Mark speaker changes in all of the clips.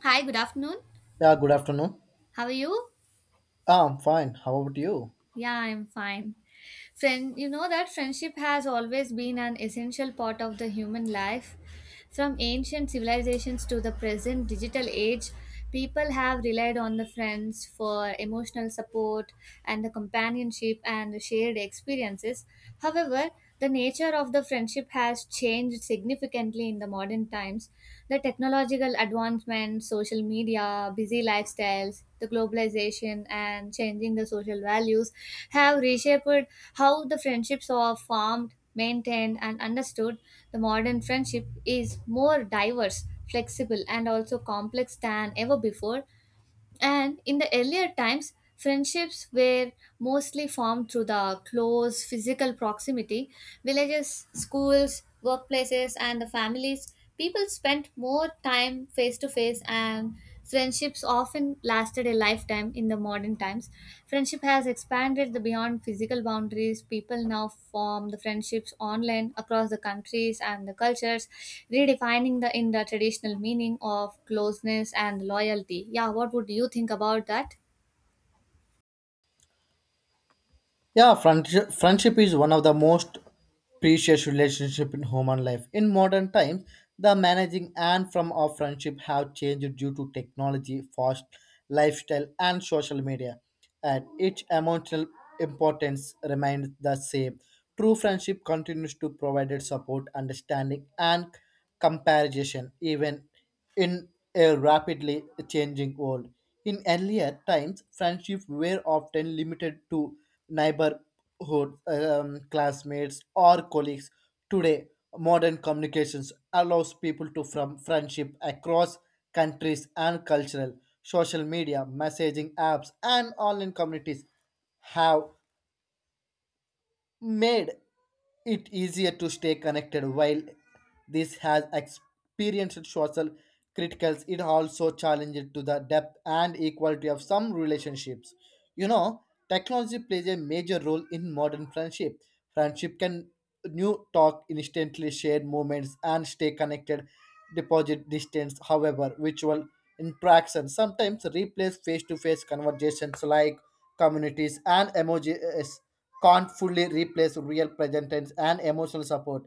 Speaker 1: Hi, good afternoon.
Speaker 2: Yeah, good afternoon.
Speaker 1: How are you?
Speaker 2: Ah, I'm fine. How about you?
Speaker 1: Yeah, I'm fine. Friend, you know that friendship has always been an essential part of the human life. From ancient civilizations to the present digital age, people have relied on the friends for emotional support and the companionship and the shared experiences. However, the nature of the friendship has changed significantly in the modern times. The technological advancements, social media, busy lifestyles, the globalization, and changing the social values have reshaped how the friendships are formed, maintained, and understood. The modern friendship is more diverse, flexible, and also complex than ever before, and in the earlier times, friendships were mostly formed through the close physical proximity. Villages, schools, workplaces, and the families, people spent more time face to face, and friendships often lasted a lifetime. In the modern times, friendship has expanded the beyond physical boundaries. People now form the friendships online across the countries and the cultures, redefining the in the traditional meaning of closeness and loyalty. Yeah, what would you think about that?
Speaker 2: Yeah, friendship is one of the most precious relationship in human life. In modern times, the managing and from of friendship have changed due to technology, fast lifestyle, and social media. And each emotional importance remains the same. True friendship continues to provide support, understanding, and comparison, even in a rapidly changing world. In earlier times, friendships were often limited to neighborhood, classmates, or colleagues. Today, modern communications allows people to from friendship across countries and cultural. Social media, messaging apps, and online communities have made it easier to stay connected, while this has experienced social criticals, it also challenged to the depth and equality of some relationships, you know, technology plays a major role in modern friendship. Friendship can new talk instantly, share moments, and stay connected deposit distance. However, virtual interactions sometimes replace face-to-face conversations, like communities and emojis can't fully replace real present tense and emotional support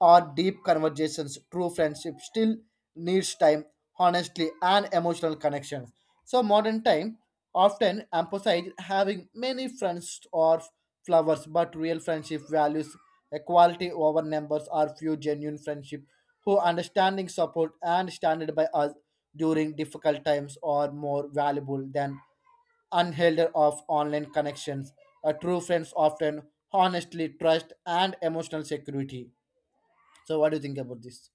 Speaker 2: or deep conversations. True friendship still needs time, honesty, and emotional connection. So modern time often emphasizes having many friends or flowers, but real friendship values equality over numbers, or few genuine friendship who understanding support and standard by us during difficult times are more valuable than unhelded of online connections. A true friends often honestly trust and emotional security. So what do you think about this?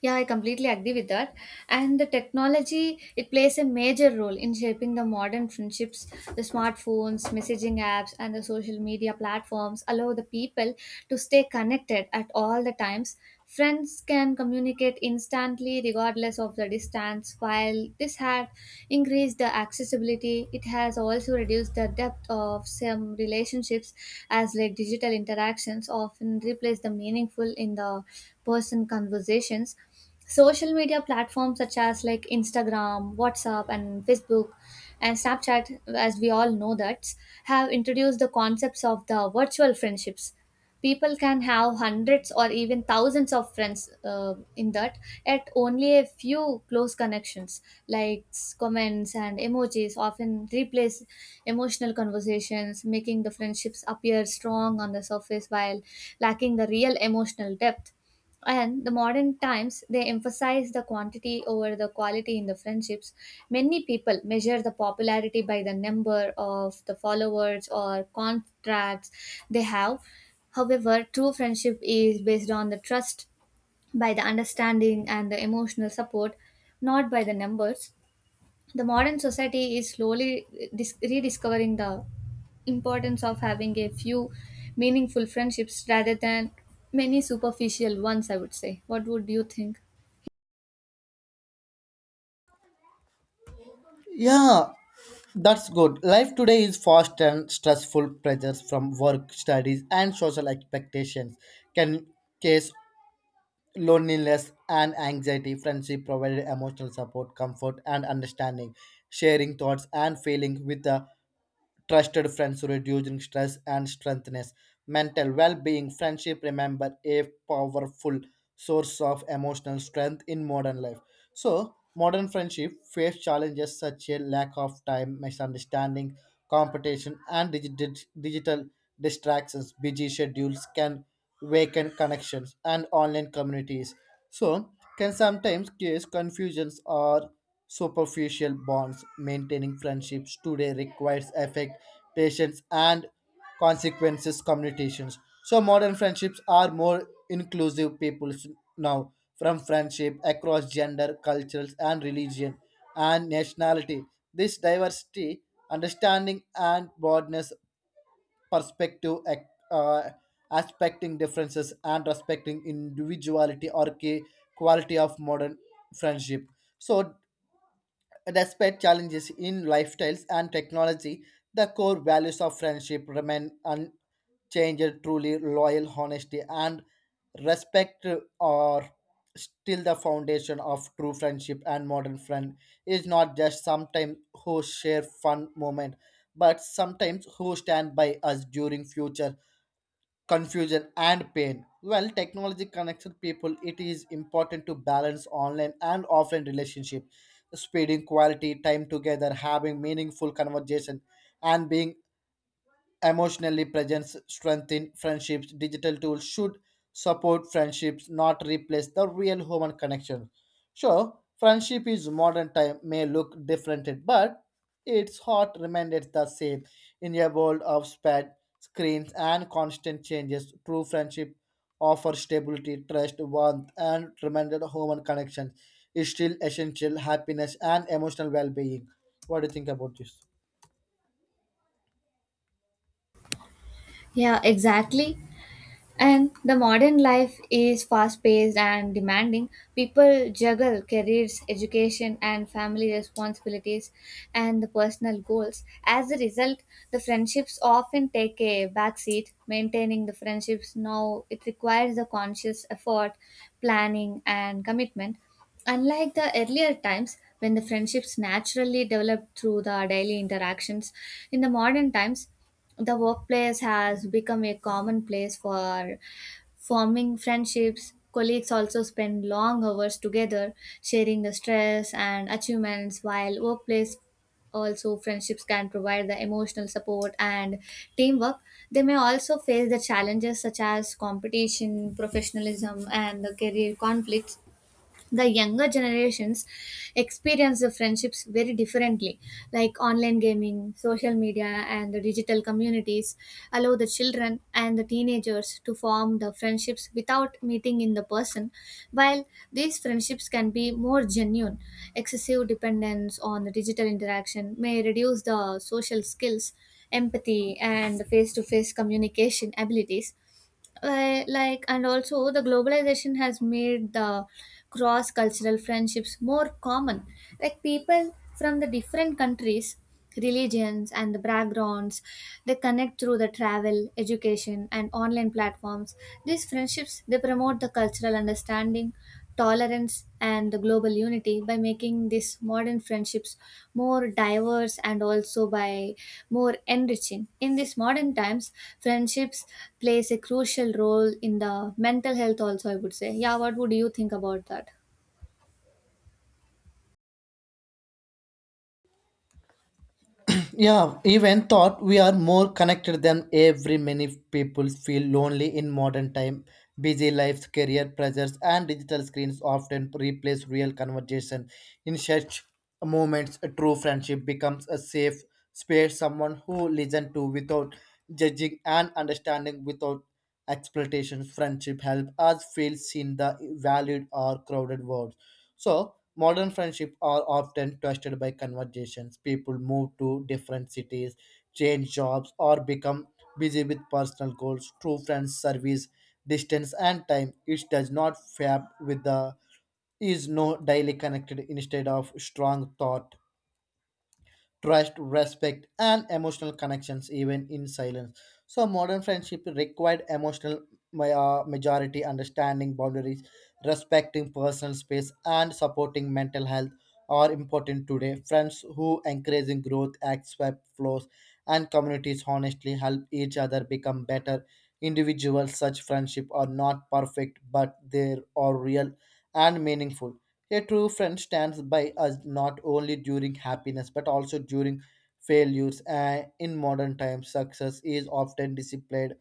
Speaker 1: Yeah, I completely agree with that. And the technology, it plays a major role in shaping the modern friendships. The smartphones, messaging apps, and the social media platforms allow the people to stay connected at all the times. Friends can communicate instantly regardless of the distance. While this had increased the accessibility, it has also reduced the depth of some relationships as like digital interactions often replace the meaningful in the person conversations. Social media platforms such as like Instagram, WhatsApp, and Facebook and Snapchat, as we all know that, have introduced the concepts of the virtual friendships. People can have hundreds or even thousands of friends, in that at only a few close connections. Likes, comments, and emojis often replace emotional conversations, making the friendships appear strong on the surface while lacking the real emotional depth. And the modern times, they emphasize the quantity over the quality in the friendships. Many people measure the popularity by the number of the followers or contracts they have. However, true friendship is based on the trust, by the understanding and the emotional support, not by the numbers. The modern society is slowly rediscovering the importance of having a few meaningful friendships rather than many superficial ones, I would say. What would you think?
Speaker 2: Yeah, that's good. Life today is fast and stressful, pressures from work, studies, and social expectations can cause loneliness and anxiety. Friendship provided emotional support, comfort, and understanding, sharing thoughts and feelings with a trusted friends reducing stress and strengthens mental well-being. Friendship remember a powerful source of emotional strength in modern life. So modern friendship face challenges such as lack of time, misunderstanding, competition, and digital distractions. Busy schedules can weaken connections, and online communities so can sometimes cause confusions or superficial bonds. Maintaining friendships today requires effect, patience, and consequences communications. So modern friendships are more inclusive. People now from friendship across gender, cultures, and religion and nationality. This diversity, understanding, and broadness perspective uh, aspecting differences and respecting individuality are key quality of modern friendship. So despite challenges in lifestyles and technology, the core values of friendship remain unchanged. Truly loyal, honesty, and respect are still the foundation of true friendship, and modern friend is not just sometimes who share fun moment, but sometimes who stand by us during future confusion and pain. Well, technology connects people, it is important to balance online and offline relationship. Spending quality time together, having meaningful conversation, and being emotionally presence strengthen friendships. Digital tools should support friendships, not replace the real human connection. Sure, friendship is modern time may look different, but its heart remains the same. In a world of sped screens and constant changes, true friendship offers stability, trust, warmth, and reminded human connection is still essential happiness and emotional well-being. What do you think about this?
Speaker 1: Yeah, exactly. And the modern life is fast paced and demanding. People juggle careers, education, and family responsibilities and the personal goals. As a result, the friendships often take a backseat. Maintaining the friendships now, it requires a conscious effort, planning, and commitment. Unlike the earlier times when the friendships naturally developed through the daily interactions, in the modern times the workplace has become a common place for forming friendships. Colleagues also spend long hours together, sharing the stress and achievements, while workplace also friendships can provide the emotional support and teamwork. They may also face the challenges such as competition, professionalism, and the career conflicts. The younger generations experience the friendships very differently, like online gaming, social media, and the digital communities allow the children and the teenagers to form the friendships without meeting in the person. While these friendships can be more genuine, excessive dependence on the digital interaction may reduce the social skills, empathy, and face to face communication abilities. Like, and also the globalization has made the cross cultural friendships more common, like people from the different countries, religions, and the backgrounds, they connect through the travel, education, and online platforms. These friendships, they promote the cultural understanding, tolerance, and the global unity, by making these modern friendships more diverse and also by more enriching. In these modern times, friendships plays a crucial role in the mental health also, I would say. Yeah, what would you think about that?
Speaker 2: Yeah, even thought we are more connected than every, many people feel lonely in modern time. Busy lives, career pressures, and digital screens often replace real conversation. In such moments, a true friendship becomes a safe space, someone who listen to without judging and understanding without exploitation. Friendship help us feel seen the valued or crowded world. So modern friendship are often twisted by conversations. People move to different cities, change jobs, or become busy with personal goals. True friends service distance and time. It does not fab with the is no daily connected, instead of strong thought trust, respect, and emotional connections even in silence. So modern friendship required emotional majority, understanding boundaries, respecting personal space, and supporting mental health are important today. Friends who encouraging growth, accept flaws, and communities honestly help each other become better individuals. Such friendship are not perfect, but they are real and meaningful. A true friend stands by us not only during happiness, but also during failures. In modern times, success is often displayed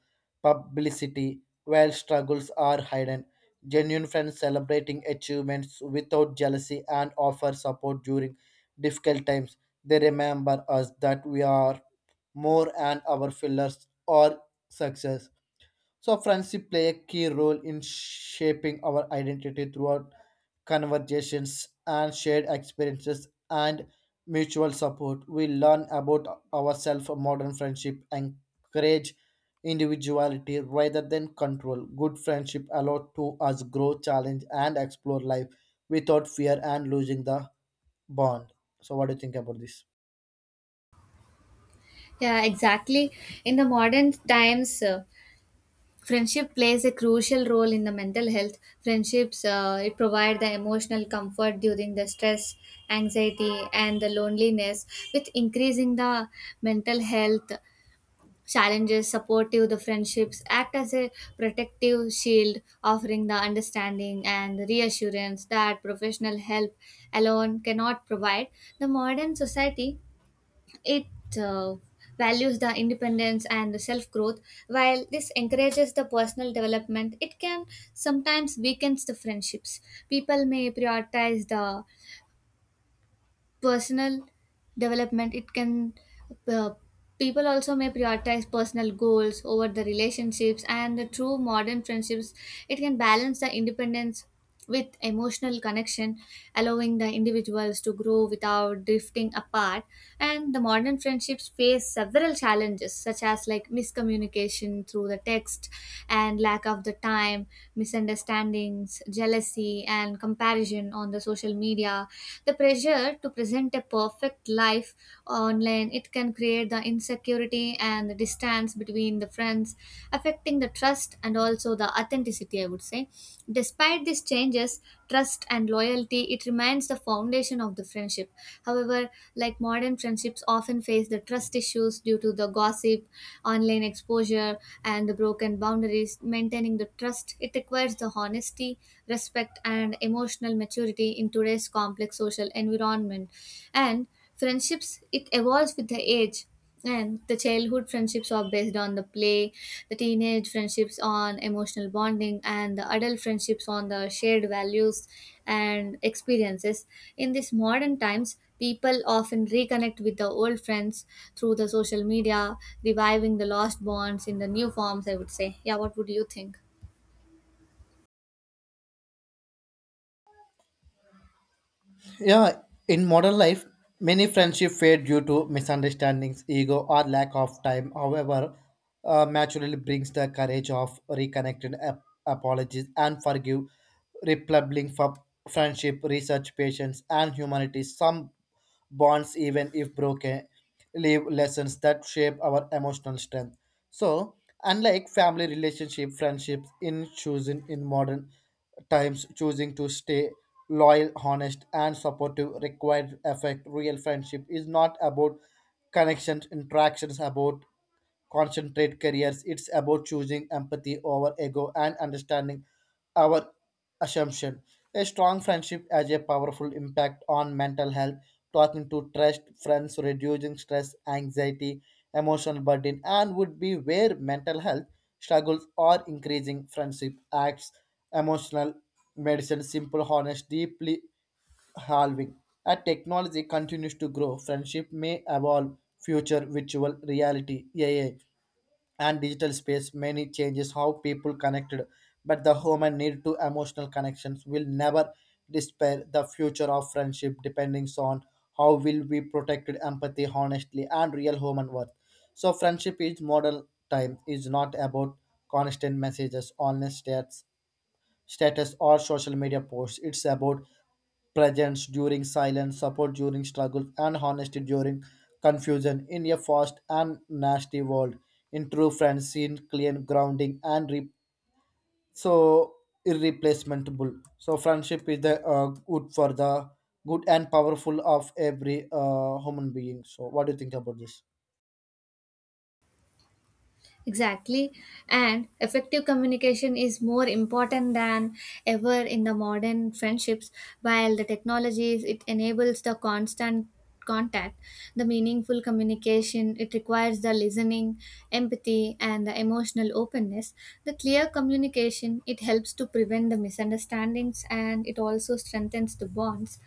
Speaker 2: publicity while struggles are hidden. Genuine friends celebrating achievements without jealousy and offer support during difficult times. They remember us that we are more and our failures are success. So friendship play a key role in shaping our identity throughout conversations, and shared experiences and mutual support. We learn about ourselves, modern friendship, encourage individuality rather than control. Good friendship allow to us grow, challenge, and explore life without fear and losing the bond. So, what do you think about this?
Speaker 1: Yeah, exactly. In the modern times, friendship plays a crucial role in the mental health. Friendships, it provide the emotional comfort during the stress, anxiety, and the loneliness. With increasing the mental health challenges, supportive the friendships act as a protective shield, offering the understanding and reassurance that professional help alone cannot provide. The modern society, it uh, values the independence and the self growth. While this encourages the personal development, it can sometimes weakens the friendships. People may prioritize the personal development it can uh, people also may prioritize personal goals over the relationships, and the true modern friendships, it can balance the independence with emotional connection, allowing the individuals to grow without drifting apart. And the modern friendships face several challenges, such as like miscommunication through the text and lack of the time, misunderstandings, jealousy, and comparison on the social media. The pressure to present a perfect life online, it can create the insecurity and the distance between the friends, affecting the trust and also the authenticity, I would say. Despite these changes, trust and loyalty, it remains the foundation of the friendship. However, like modern friendships often face the trust issues due to the gossip, online exposure, and the broken boundaries. Maintaining the trust, it requires the honesty, respect, and emotional maturity in today's complex social environment. And friendships, it evolves with the age. And the childhood friendships are based on the play, the teenage friendships on emotional bonding, and the adult friendships on the shared values and experiences. In these modern times, people often reconnect with the old friends through the social media, reviving the lost bonds in the new forms, I would say. Yeah, what would you think?
Speaker 2: Yeah, in modern life, many friendships fade due to misunderstandings, ego, or lack of time. However, maturity brings the courage of reconnected apologies and forgive, replubbing for friendship, research, patience, and humanity. Some bonds, even if broken, leave lessons that shape our emotional strength. So, unlike family relationship, friendships, in choosing in modern times, choosing to stay loyal, honest, and supportive required effect. Real friendship is not about connections, interactions, about concentrate careers. It's about choosing empathy over ego and understanding our assumption. A strong friendship has a powerful impact on mental health. Talking to trust friends, reducing stress, anxiety, emotional burden, and would be where mental health struggles are increasing. Friendship acts, emotional medicine, simple, honest, deeply halving. As technology continues to grow, friendship may evolve. Future virtual reality, AI, and digital space many changes how people connected, but the human need to emotional connections will never despair. The future of friendship depending on how will we protected empathy, honestly, and real human worth. So friendship is model time is not about constant messages, honest chats, status or social media posts. It's about presence during silence, support during struggle, and honesty during confusion in a fast and nasty world. In true friends, seen clear grounding and re- so irreplaceable. So friendship is the good for the good and powerful of every human being. So what do you think about this?
Speaker 1: Exactly. And effective communication is more important than ever in the modern friendships. While the technologies, it enables the constant contact, the meaningful communication, it requires the listening, empathy, and the emotional openness. The clear communication, it helps to prevent the misunderstandings, and it also strengthens the bonds.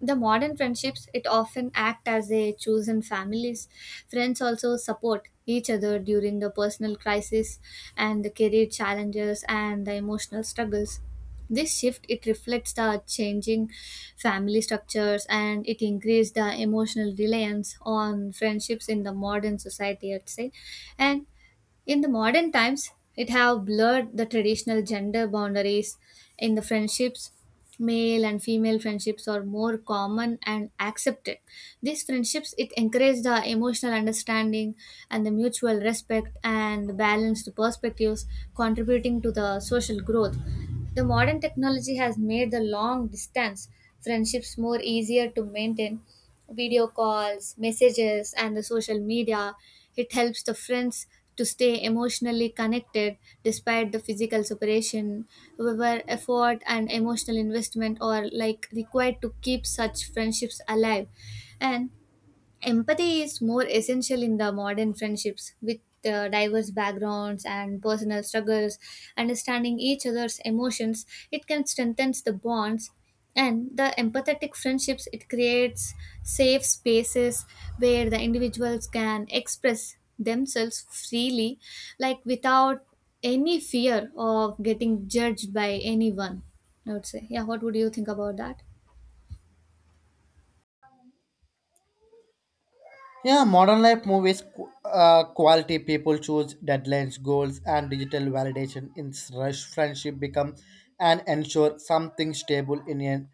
Speaker 1: The modern friendships, it often act as a chosen families. Friends also support each other during the personal crisis and the career challenges and the emotional struggles. This shift, it reflects the changing family structures, and it increased the emotional reliance on friendships in the modern society, I'd say. And in the modern times, it have blurred the traditional gender boundaries in the friendships. Male and female friendships are more common and accepted. These friendships, it encourage the emotional understanding and the mutual respect and balanced perspectives, contributing to the social growth. The modern technology has made the long distance friendships more easier to maintain. Video calls, messages, and the social media, it helps the friends to stay emotionally connected despite the physical separation. However, effort and emotional investment are like required to keep such friendships alive. And empathy is more essential in the modern friendships with diverse backgrounds and personal struggles. Understanding each other's emotions, it can strengthen the bonds, and the empathetic friendships, it creates safe spaces where the individuals can express themselves freely, like without any fear of getting judged by anyone, I would say. Yeah, what would you think about that?
Speaker 2: Yeah, modern life movies quality people choose deadlines, goals, and digital validation in rush. Friendship become and ensure something stable in an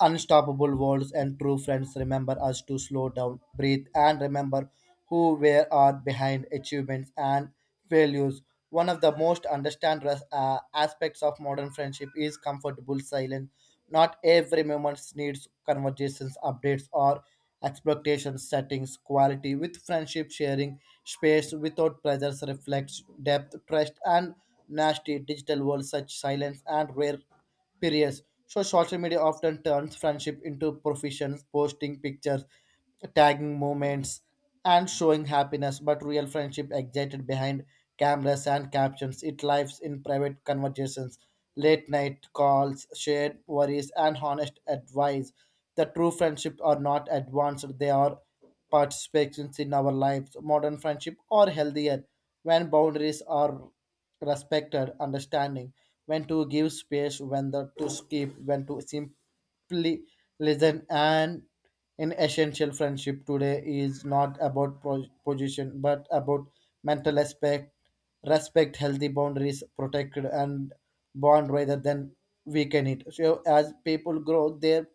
Speaker 2: unstoppable world. And true friends remember us to slow down, breathe, and remember who we are behind achievements and values. One of the most understand aspects of modern friendship is comfortable silence. Not every moment needs conversations, updates, or expectations settings. Quality with friendship sharing space without pressures reflects depth, trust, and nasty digital world such silence and rare periods. So social media often turns friendship into professions, posting pictures, tagging moments, and showing happiness. But real friendship existed behind cameras and captions. It lives in private conversations, late night calls, shared worries, and honest advice. The true friendship are not advanced; they are participations in our lives. Modern friendship are healthier when boundaries are respected, understanding when to give space, when to skip, when to simply listen, and in essential friendship today is not about position, but about mental aspect, respect, healthy boundaries, protected and bond rather than weaken it. So as people grow, their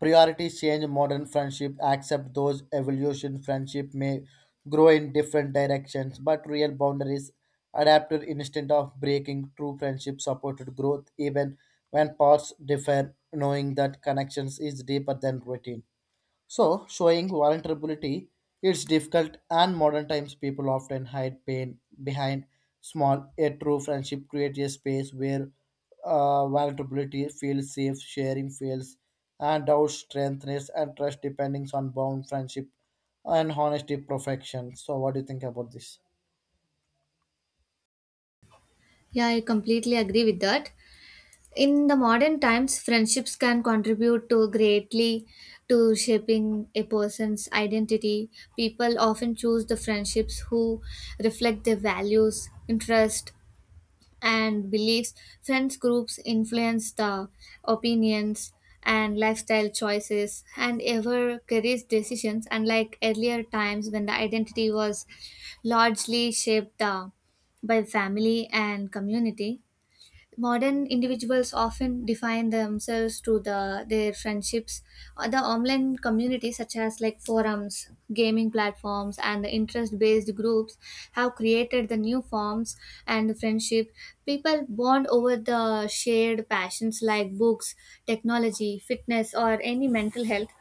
Speaker 2: priorities change modern friendship, accept those evolution friendship may grow in different directions, but real boundaries adapted instead of breaking true friendship supported growth even when paths differ, knowing that connections is deeper than routine. So, showing vulnerability is difficult, and modern times people often hide pain behind small yet true friendship. Creates a space where vulnerability feels safe, sharing feels, and doubt strengthens and trust depending on bound friendship and honesty perfection. So, what do you think about this?
Speaker 1: Yeah, I completely agree with that. In the modern times, friendships can contribute to greatly to shaping a person's identity. People often choose the friendships who reflect their values, interests, and beliefs. Friends groups influence the opinions and lifestyle choices and ever career decisions. Unlike earlier times when the identity was largely shaped by family and community, modern individuals often define themselves through the their friendships. The online communities such as like forums, gaming platforms, and the interest based groups have created the new forms and friendship. People bond over the shared passions, like books, technology, fitness, or any mental health.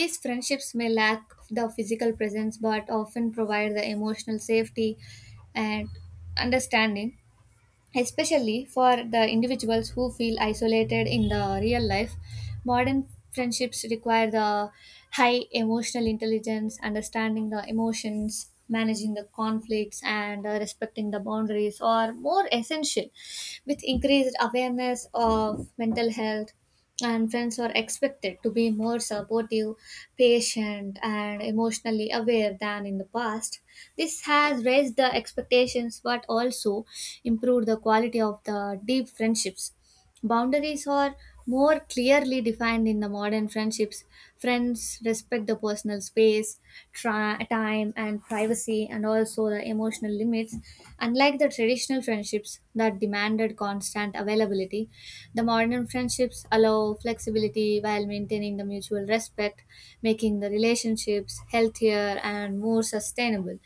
Speaker 1: These friendships may lack the physical presence but often provide the emotional safety and understanding, especially for the individuals who feel isolated in the real life. Modern friendships require the high emotional intelligence. Understanding the emotions, managing the conflicts, and respecting the boundaries are more essential. With increased awareness of mental health, and friends are expected to be more supportive, patient, and emotionally aware than in the past. This has raised the expectations but also improved the quality of the deep friendships. Boundaries are more clearly defined in the modern friendships. Friends respect the personal space, time, and privacy, and also the emotional limits. Unlike the traditional friendships that demanded constant availability, the modern friendships allow flexibility while maintaining the mutual respect, making the relationships healthier and more sustainable.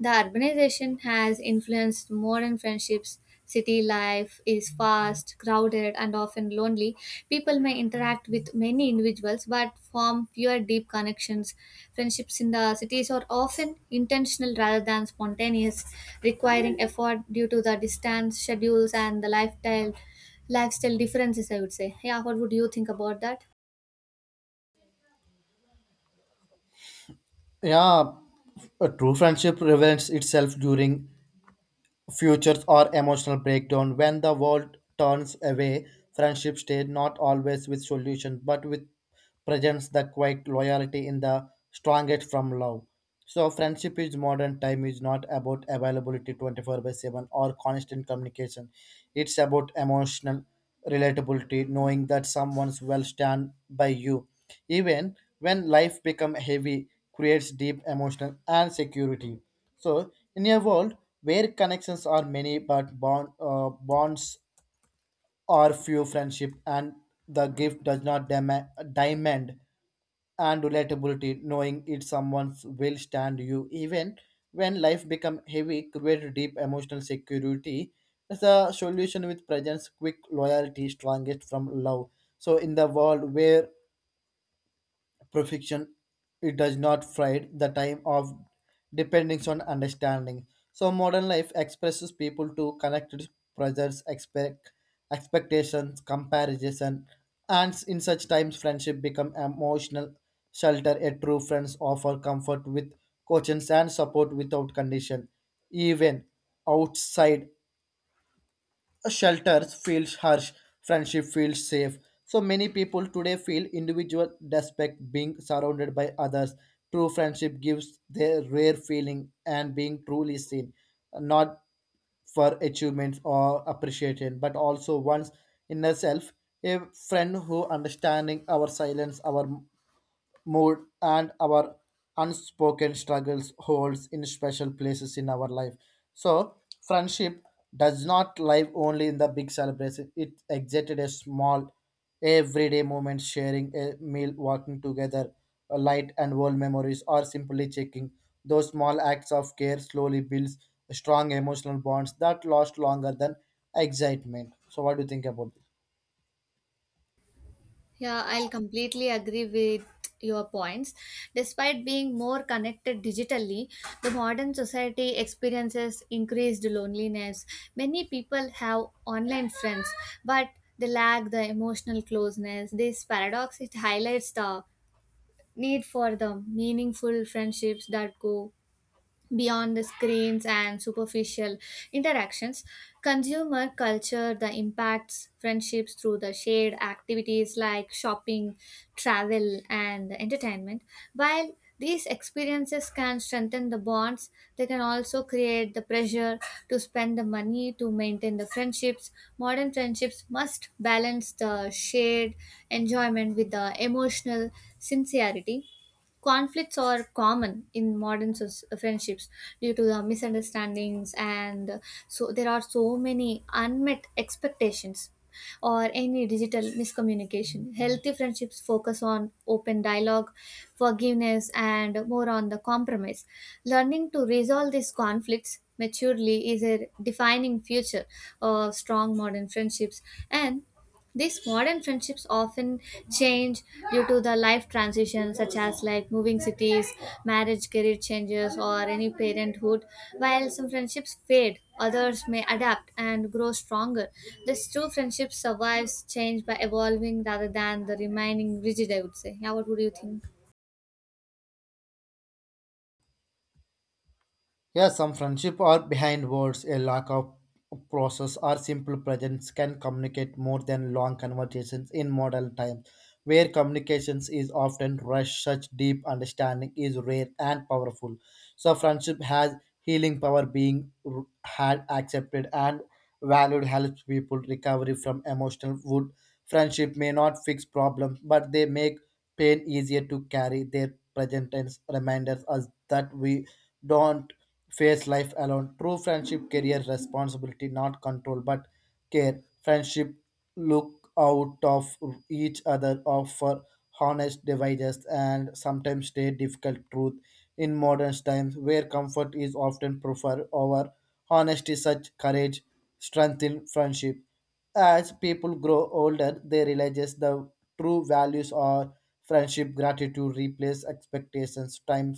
Speaker 1: The urbanization has influenced modern friendships. City life is fast, crowded, and often lonely. People may interact with many individuals but form fewer deep connections. Friendships in the cities are often intentional rather than spontaneous, requiring effort due to the distance, schedules, and the lifestyle differences, I would say. Yeah, what would you think about that?
Speaker 2: Yeah, a true friendship reveals itself during futures or emotional breakdown. When the world turns away, friendships stay not always with solutions, but with presents the quiet loyalty in the strongest from love. So friendship is modern time is not about availability 24/7 or constant communication. It's about emotional relatability, knowing that someone's will stand by you. Even when life become heavy, creates deep emotional and security. So, in a world where connections are many but bond, bonds are few, friendship and the gift does not demand and relatability, knowing it someone will stand you even when life become heavy, create deep emotional security. As a solution with presence, quick loyalty, strongest from love. So, in the world where perfection it does not fade the time of dependence on understanding, so modern life expresses people to connected pressures expect expectations comparison, and in such times friendship become emotional shelter. A true friends offer comfort with cautions and support without condition, even outside a shelter feels harsh, friendship feels safe. So many people today feel individual despite being surrounded by others. True friendship gives their rare feeling and being truly seen, not for achievements or appreciation, but also one's inner self. A friend who understanding our silence, our mood, and our unspoken struggles holds in special places in our life. So friendship does not live only in the big celebration, it exited a small everyday moment, sharing a meal, walking together, a light and old memories, or simply checking those small acts of care slowly builds strong emotional bonds that last longer than excitement. So what do you think about this?
Speaker 1: Yeah, I'll completely agree with your points. Despite being more connected digitally, the modern society experiences increased loneliness. Many people have online friends, but they lack the emotional closeness. This paradox, it highlights the need for the meaningful friendships that go beyond the screens and superficial interactions. Consumer culture, the impacts friendships through the shared activities, like shopping, travel, and entertainment. While these experiences can strengthen the bonds, they can also create the pressure to spend the money to maintain the friendships. Modern friendships must balance the shared enjoyment with the emotional sincerity. Conflicts are common in modern friendships due to the misunderstandings, and so there are so many unmet expectations or any digital miscommunication. Healthy friendships focus on open dialogue, forgiveness, and more on the compromise. Learning to resolve these conflicts maturely is a defining future of strong modern friendships. And these modern friendships often change due to the life transitions, such as like moving cities, marriage, career changes, or any parenthood. While some friendships fade, others may adapt and grow stronger. This true friendship survives change by evolving rather than the remaining rigid, I would say. Yeah, what would you think?
Speaker 2: Yeah, some friendship are behind words. A lack of process or simple presence can communicate more than long conversations in modern times, where communications is often rushed. Such deep understanding is rare and powerful. So, friendship has healing power. Being had accepted and valued helps people recovery from emotional wound. Friendship may not fix problems, but they make pain easier to carry. Their present tense reminders us that we don't face life alone. True friendship career responsibility, not control, but care. Friendship look out of each other offer honest devices and sometimes stay difficult truth in modern times where comfort is often preferred over honesty such courage strengthen friendship as people grow older, they realize the true values are friendship, gratitude, replace expectations, time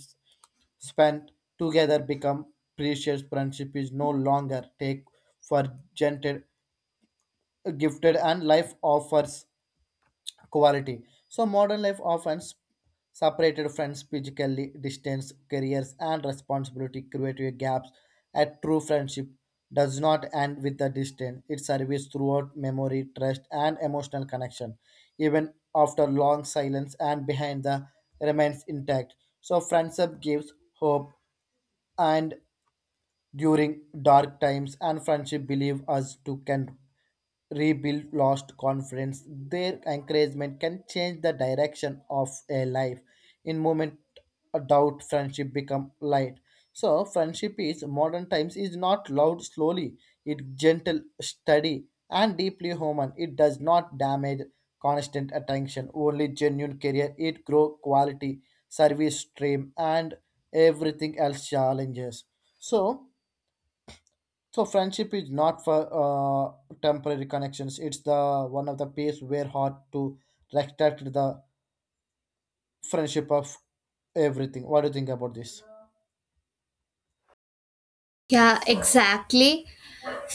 Speaker 2: spent together become precious. Friendship is no longer take for granted, gifted, and life offers quality. So modern life often separated friends physically, distance, careers, and responsibility create gaps. A true friendship does not end with the distance. It survives throughout memory, trust, and emotional connection, even after long silence and behind the remains intact. So friendship gives hope and during dark times, and friendship believe us to can rebuild lost confidence. Their encouragement can change the direction of a life in moment of doubt friendship become light. So friendship is modern times is not loud slowly, it gentle, steady, and deeply human. It does not damage constant attention, only genuine career it grow quality service stream and everything else challenges. So so friendship is not for temporary connections. It's the one of the place where hard to respect the friendship of everything. What do you think about this?
Speaker 1: Yeah, exactly.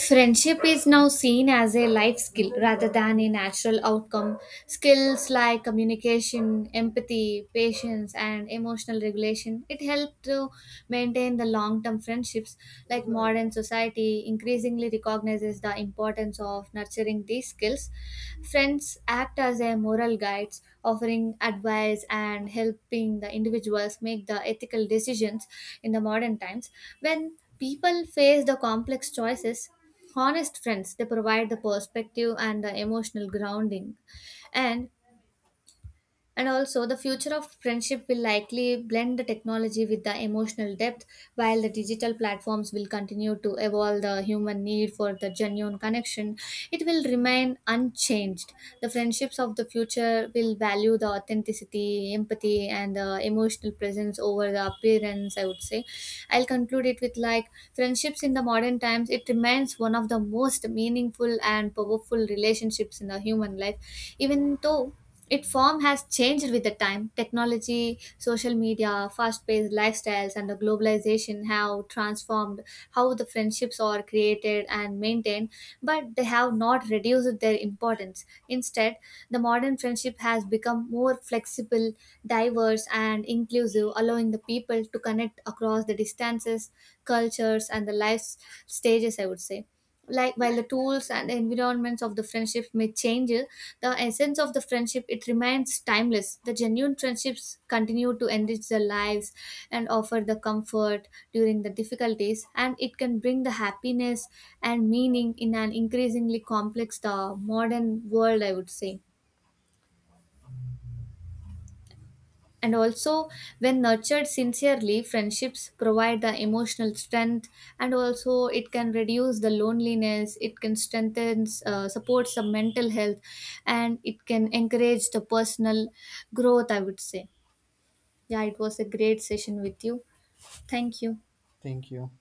Speaker 1: Friendship is now seen as a life skill rather than a natural outcome. Skills like communication, empathy, patience, and emotional regulation, it helped to maintain the long-term friendships. Like modern society increasingly recognizes the importance of nurturing these skills. Friends act as a moral guides, offering advice and helping the individuals make the ethical decisions in the modern times. When people face the complex choices, honest friends, they provide the perspective and the emotional grounding. And and also, the future of friendship will likely blend the technology with the emotional depth, while the digital platforms will continue to evolve. The human need for the genuine connection, it will remain unchanged. The friendships of the future will value the authenticity, empathy, and the emotional presence over the appearance, I would say. I'll conclude it with like friendships in the modern times, it remains one of the most meaningful and powerful relationships in the human life, even though its form has changed with the time. Technology, social media, fast paced lifestyles, and the globalization have transformed how the friendships are created and maintained, but they have not reduced their importance. Instead, the modern friendship has become more flexible, diverse, and inclusive, allowing the people to connect across the distances, cultures, and the life stages, I would say. Like, while the tools and environments of the friendship may change, the essence of the friendship, it remains timeless. The genuine friendships continue to enrich their lives and offer the comfort during the difficulties, and it can bring the happiness and meaning in an increasingly complex the modern world, I would say. And also, when nurtured sincerely, friendships provide the emotional strength, and also it can reduce the loneliness, it can strengthen, supports the mental health, and it can encourage the personal growth, I would say. Yeah, it was a great session with you. Thank you.
Speaker 2: Thank you.